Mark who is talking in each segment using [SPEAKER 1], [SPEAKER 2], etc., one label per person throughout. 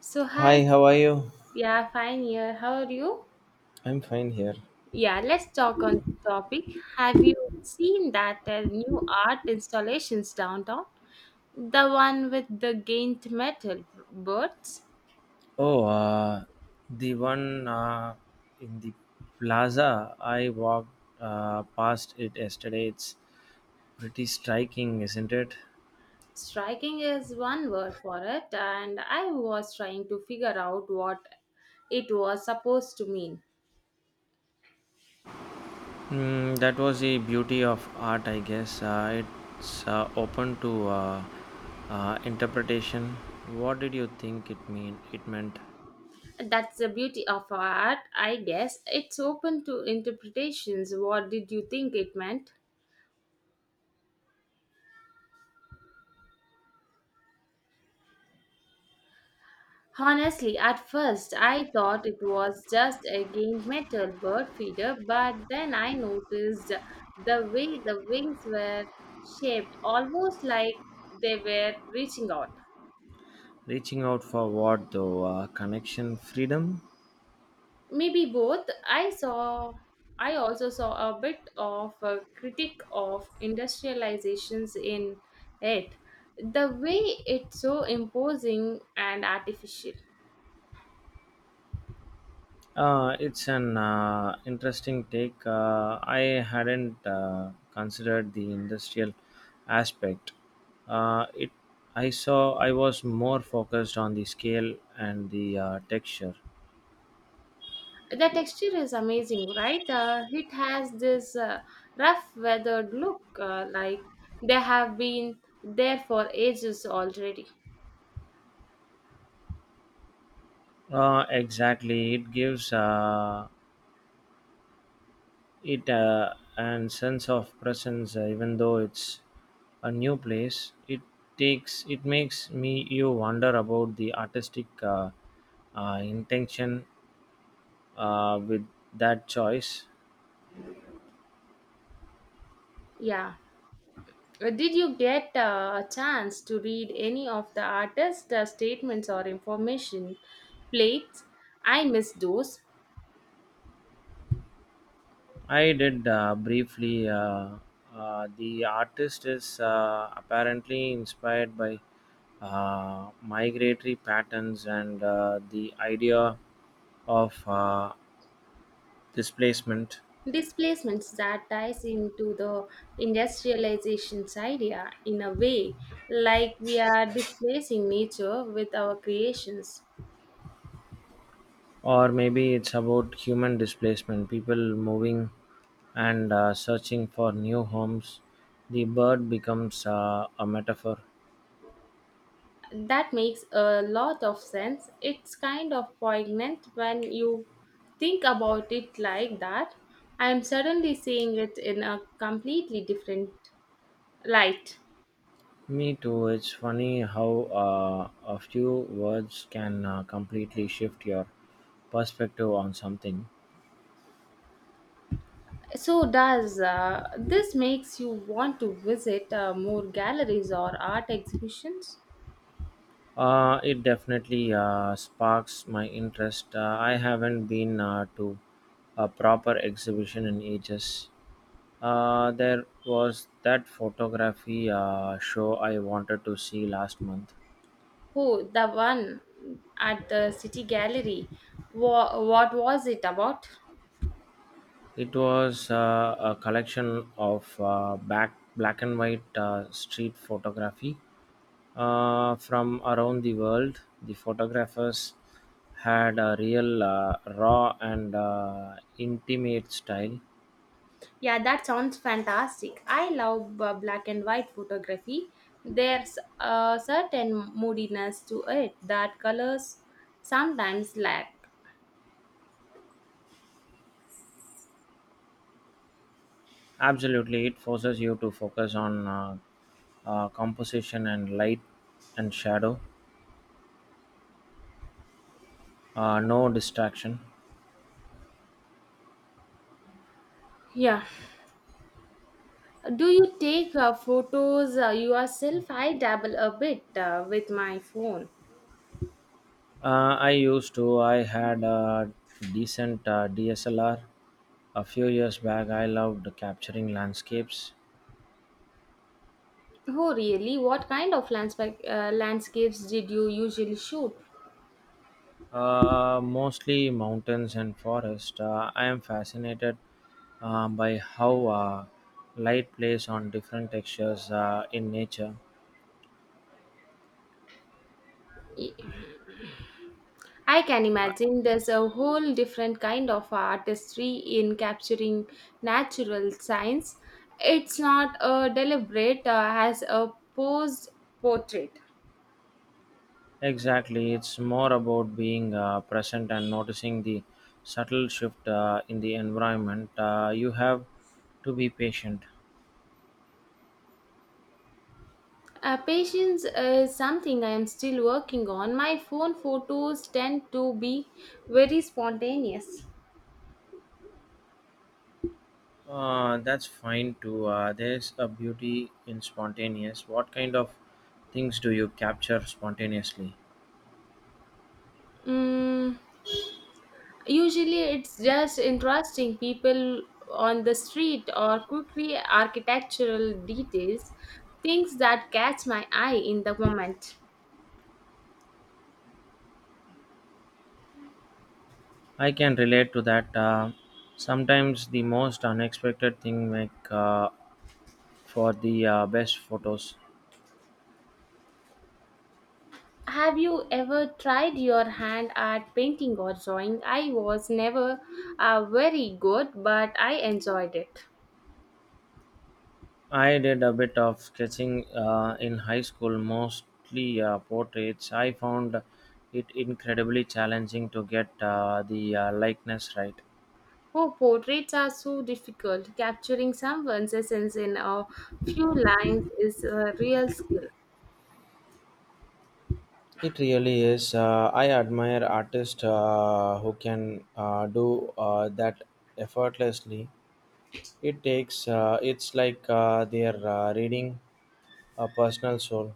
[SPEAKER 1] So hi,
[SPEAKER 2] Hi, how are you?
[SPEAKER 1] yeah, fine here. How are you?
[SPEAKER 2] I'm fine here.
[SPEAKER 1] Yeah, let's talk on the topic. Have you seen that new art installations downtown? The one with the giant metal birds?
[SPEAKER 2] Oh, the one in the plaza. I walked past it yesterday. It's pretty striking, isn't it?
[SPEAKER 1] Striking is one word for it, and I was trying to figure out what it was supposed to mean.
[SPEAKER 2] Mm, that was the beauty of art, I guess. It's open to interpretation. What did you think it mean? It meant
[SPEAKER 1] That's the beauty of art, I guess. It's open to interpretations. What did you think it meant? Honestly, at first I thought it was just a game metal bird feeder, but then I noticed the way the wings were shaped, almost like they were reaching out.
[SPEAKER 2] reaching out for what, though? Connection, freedom.
[SPEAKER 1] Maybe both. I saw. I also saw a bit of a critique of industrializations in it, the way it's so imposing and artificial.
[SPEAKER 2] It's an interesting take. I hadn't considered the industrial aspect. Uh, it, I saw I was more focused on the scale and the texture.
[SPEAKER 1] The texture is amazing, right? It has this rough, weathered look, like they have been there for ages already.
[SPEAKER 2] Exactly, it gives it an sense of presence, even though it's a new place. It makes me you wonder about the artistic intention with that choice.
[SPEAKER 1] Yeah. Did you get a chance to read any of the artist statements or information plates? I miss those
[SPEAKER 2] I did briefly. The artist is apparently inspired by migratory patterns and the idea of displacement,
[SPEAKER 1] displacements that ties into the industrialization's idea in a way, like we are displacing nature with our creations.
[SPEAKER 2] or maybe it's about human displacement, people moving and searching for new homes. The bird becomes a metaphor.
[SPEAKER 1] That makes a lot of sense. It's kind of poignant when you think about it like that. I am suddenly seeing it in a completely different light.
[SPEAKER 2] Me too. It's funny how a few words can completely shift your perspective on something.
[SPEAKER 1] So does this makes you want to visit more galleries or art exhibitions?
[SPEAKER 2] It definitely sparks my interest. I haven't been to a proper exhibition in ages. There was that photography show I wanted to see last month.
[SPEAKER 1] Who the one at the city gallery? What was it about?
[SPEAKER 2] It was a collection of back black and white street photography from around the world. The photographers had a real raw and intimate style.
[SPEAKER 1] Yeah, that sounds fantastic. I love black and white photography. There's a certain moodiness to it that colors sometimes lack.
[SPEAKER 2] Absolutely, it forces you to focus on composition and light and shadow, no distraction.
[SPEAKER 1] Yeah. Do you take photos yourself? I dabble a bit with my phone.
[SPEAKER 2] I used to, I had a decent DSLR a few years back. I loved capturing landscapes.
[SPEAKER 1] Oh, really? What kind of landscapes did you usually shoot?
[SPEAKER 2] Mostly mountains and forest. I am fascinated by how light plays on different textures in nature.
[SPEAKER 1] I can imagine there's a whole different kind of artistry in capturing natural science. It's not a deliberate as a posed portrait.
[SPEAKER 2] Exactly, it's more about being present and noticing the subtle shift in the environment. You have to be patient.
[SPEAKER 1] Patience is something I am still working on. My phone photos tend to be very spontaneous.
[SPEAKER 2] That's fine too. There's a beauty in spontaneous. What kind of things do you capture spontaneously?
[SPEAKER 1] Mm. Usually, it's just interesting people on the street or quickly architectural details, things that catch my eye in the moment.
[SPEAKER 2] I can relate to that. Sometimes the most unexpected thing make for the best photos.
[SPEAKER 1] Have you ever tried your hand at painting or drawing? I was never very good, but I enjoyed it.
[SPEAKER 2] I did a bit of sketching in high school, mostly portraits. I found it incredibly challenging to get the likeness right.
[SPEAKER 1] Oh, portraits are so difficult. Capturing someone's essence in a few lines is a real skill.
[SPEAKER 2] It really is. I admire artists who can do that effortlessly. It takes. It's like they're reading a personal soul.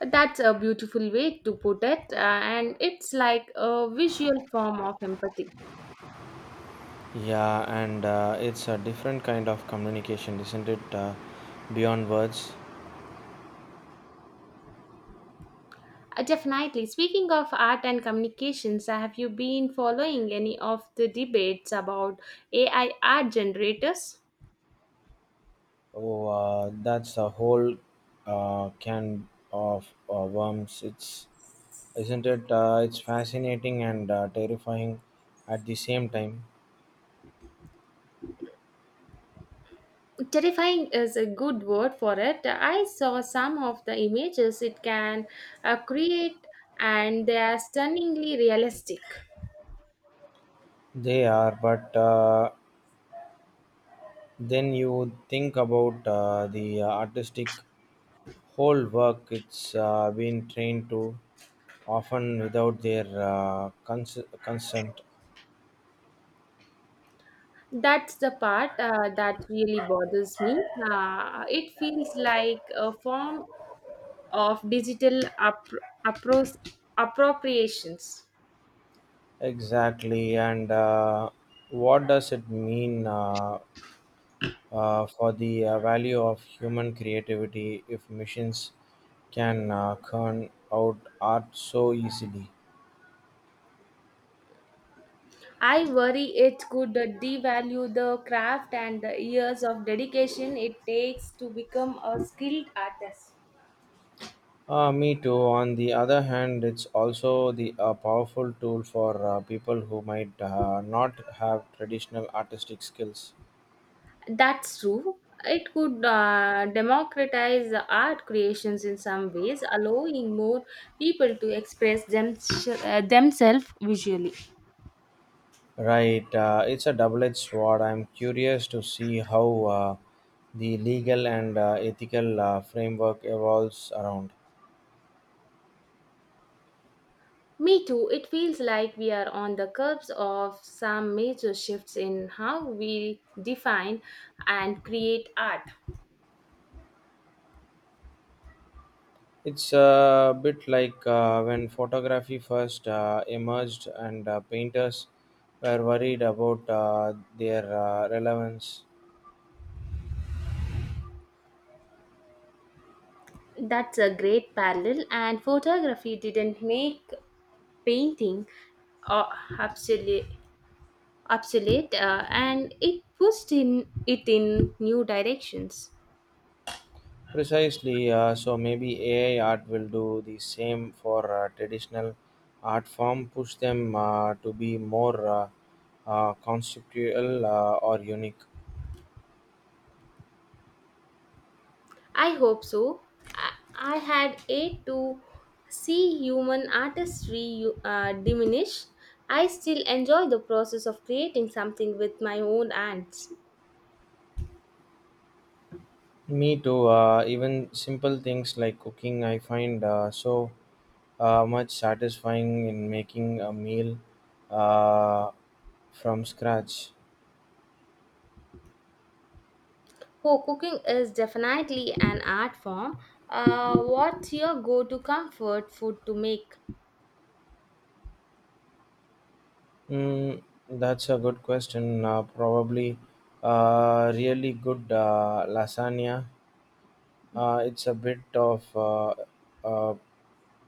[SPEAKER 1] That's a beautiful way to put it, and it's like a visual form of empathy.
[SPEAKER 2] Yeah, and it's a different kind of communication, isn't it? Beyond words.
[SPEAKER 1] Definitely. Speaking of art and communications, have you been following any of the debates about AI art generators?
[SPEAKER 2] Oh, that's a whole can of worms. It's isn't it? It's fascinating and terrifying at the same time.
[SPEAKER 1] Terrifying is a good word for it. I saw some of the images it can create, and they are stunningly realistic.
[SPEAKER 2] They are, but then you think about the artistic whole work it's been trained to, often without their consent.
[SPEAKER 1] That's the part that really bothers me. It feels like a form of digital appropriations.
[SPEAKER 2] Exactly. And what does it mean for the value of human creativity if machines can churn out art so easily?
[SPEAKER 1] I worry it could devalue the craft and the years of dedication it takes to become a skilled artist.
[SPEAKER 2] Me too. On the other hand, it's also the a powerful tool for people who might not have traditional artistic skills.
[SPEAKER 1] That's true. It could democratize the art creations in some ways, allowing more people to express themselves visually.
[SPEAKER 2] Right, it's a double edged sword. I'm curious to see how the legal and ethical framework evolves around.
[SPEAKER 1] Me too. It feels like we are on the cusp of some major shifts in how we define and create art.
[SPEAKER 2] It's a bit like when photography first emerged and painters were worried about their relevance.
[SPEAKER 1] That's a great parallel, and photography didn't make painting uh, obsolete, obsolete, and it pushed in it in new directions.
[SPEAKER 2] Precisely, so maybe AI art will do the same for traditional art form, push them to be more conceptual or unique.
[SPEAKER 1] I hope so. I, I had yet to see human artistry diminish. I still enjoy the process of creating something with my own hands.
[SPEAKER 2] Me too. Even simple things like cooking, I find so much satisfying in making a meal uh, from scratch.
[SPEAKER 1] Oh, cooking is definitely an art form. What's your go to comfort food to make?
[SPEAKER 2] Mm, that's a good question. Probably really good lasagna. It's a bit uh,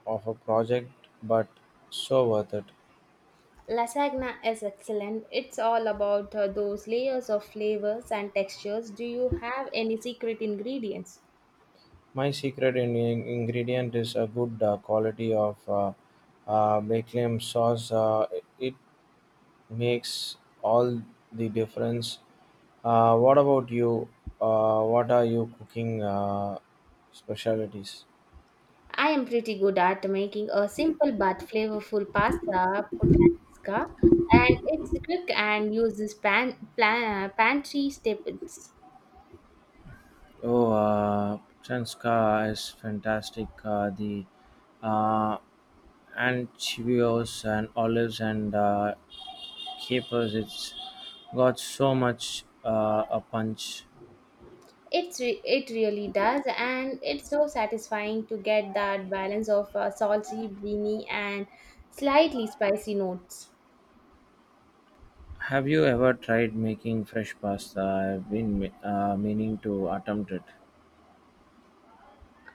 [SPEAKER 2] of a project, but so worth it.
[SPEAKER 1] Lasagna is excellent. It's all about those layers of flavors and textures. Do you have any secret ingredients?
[SPEAKER 2] My secret ingredient is a good quality of Baclam sauce. It makes all the difference. What about you? What are you cooking specialties?
[SPEAKER 1] I am pretty good at making a simple but flavorful pasta puttanesca, and it's quick and uses pantry staples.
[SPEAKER 2] Oh, Chanska is fantastic. The uh, anchovies and olives and capers, it's got so much a punch.
[SPEAKER 1] It really does, and it's so satisfying to get that balance of salty, beany, and slightly spicy notes.
[SPEAKER 2] Have you ever tried making fresh pasta? I've been meaning to attempt it.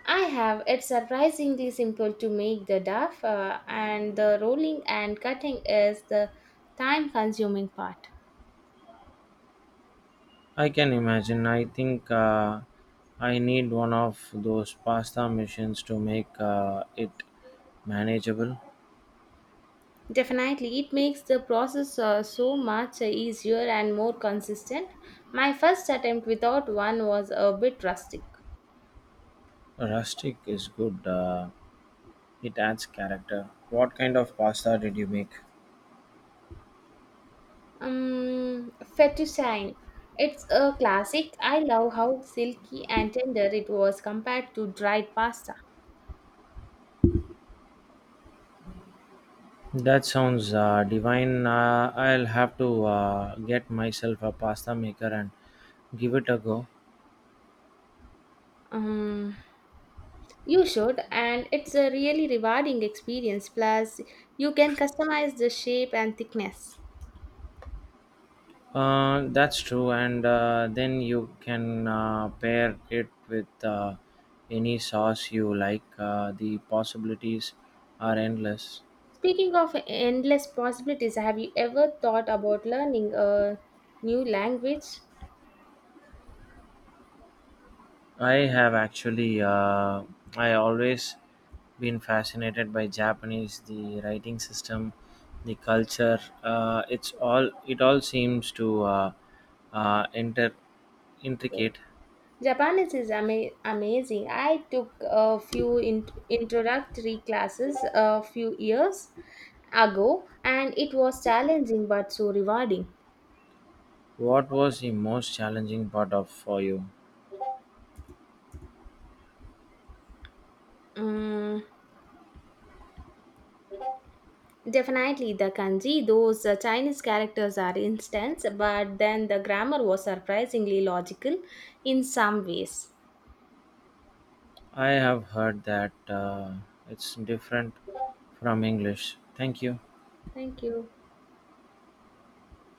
[SPEAKER 1] I have it's surprisingly simple to make the duff, and the rolling and cutting is the time-consuming part.
[SPEAKER 2] I can imagine. I think I need one of those pasta machines to make it manageable.
[SPEAKER 1] Definitely, it makes the process so much easier and more consistent. My first attempt without one was a bit rustic.
[SPEAKER 2] Rustic is good, it adds character. What kind of pasta did you make?
[SPEAKER 1] Fettuccine. It's a classic. I love how silky and tender it was compared to dried pasta.
[SPEAKER 2] That sounds divine. I'll have to get myself a pasta maker and give it a go.
[SPEAKER 1] Um, you should, and it's a really rewarding experience. Plus, you can customize the shape and thickness.
[SPEAKER 2] That's true, and then you can pair it with any sauce you like. The possibilities are endless.
[SPEAKER 1] Speaking of endless possibilities, have you ever thought about learning a new language?
[SPEAKER 2] I have actually, I always been fascinated by Japanese, the writing system, the culture. It's all, it all seems to uh, inter- intricate.
[SPEAKER 1] Amazing. I took a few introductory classes a few years ago and it was challenging but so rewarding.
[SPEAKER 2] What was the most challenging part of for you?
[SPEAKER 1] Mm, definitely the kanji, those Chinese characters are intense, but then the grammar was surprisingly logical in some ways.
[SPEAKER 2] I have heard that it's different from English. Thank you.
[SPEAKER 1] Thank you.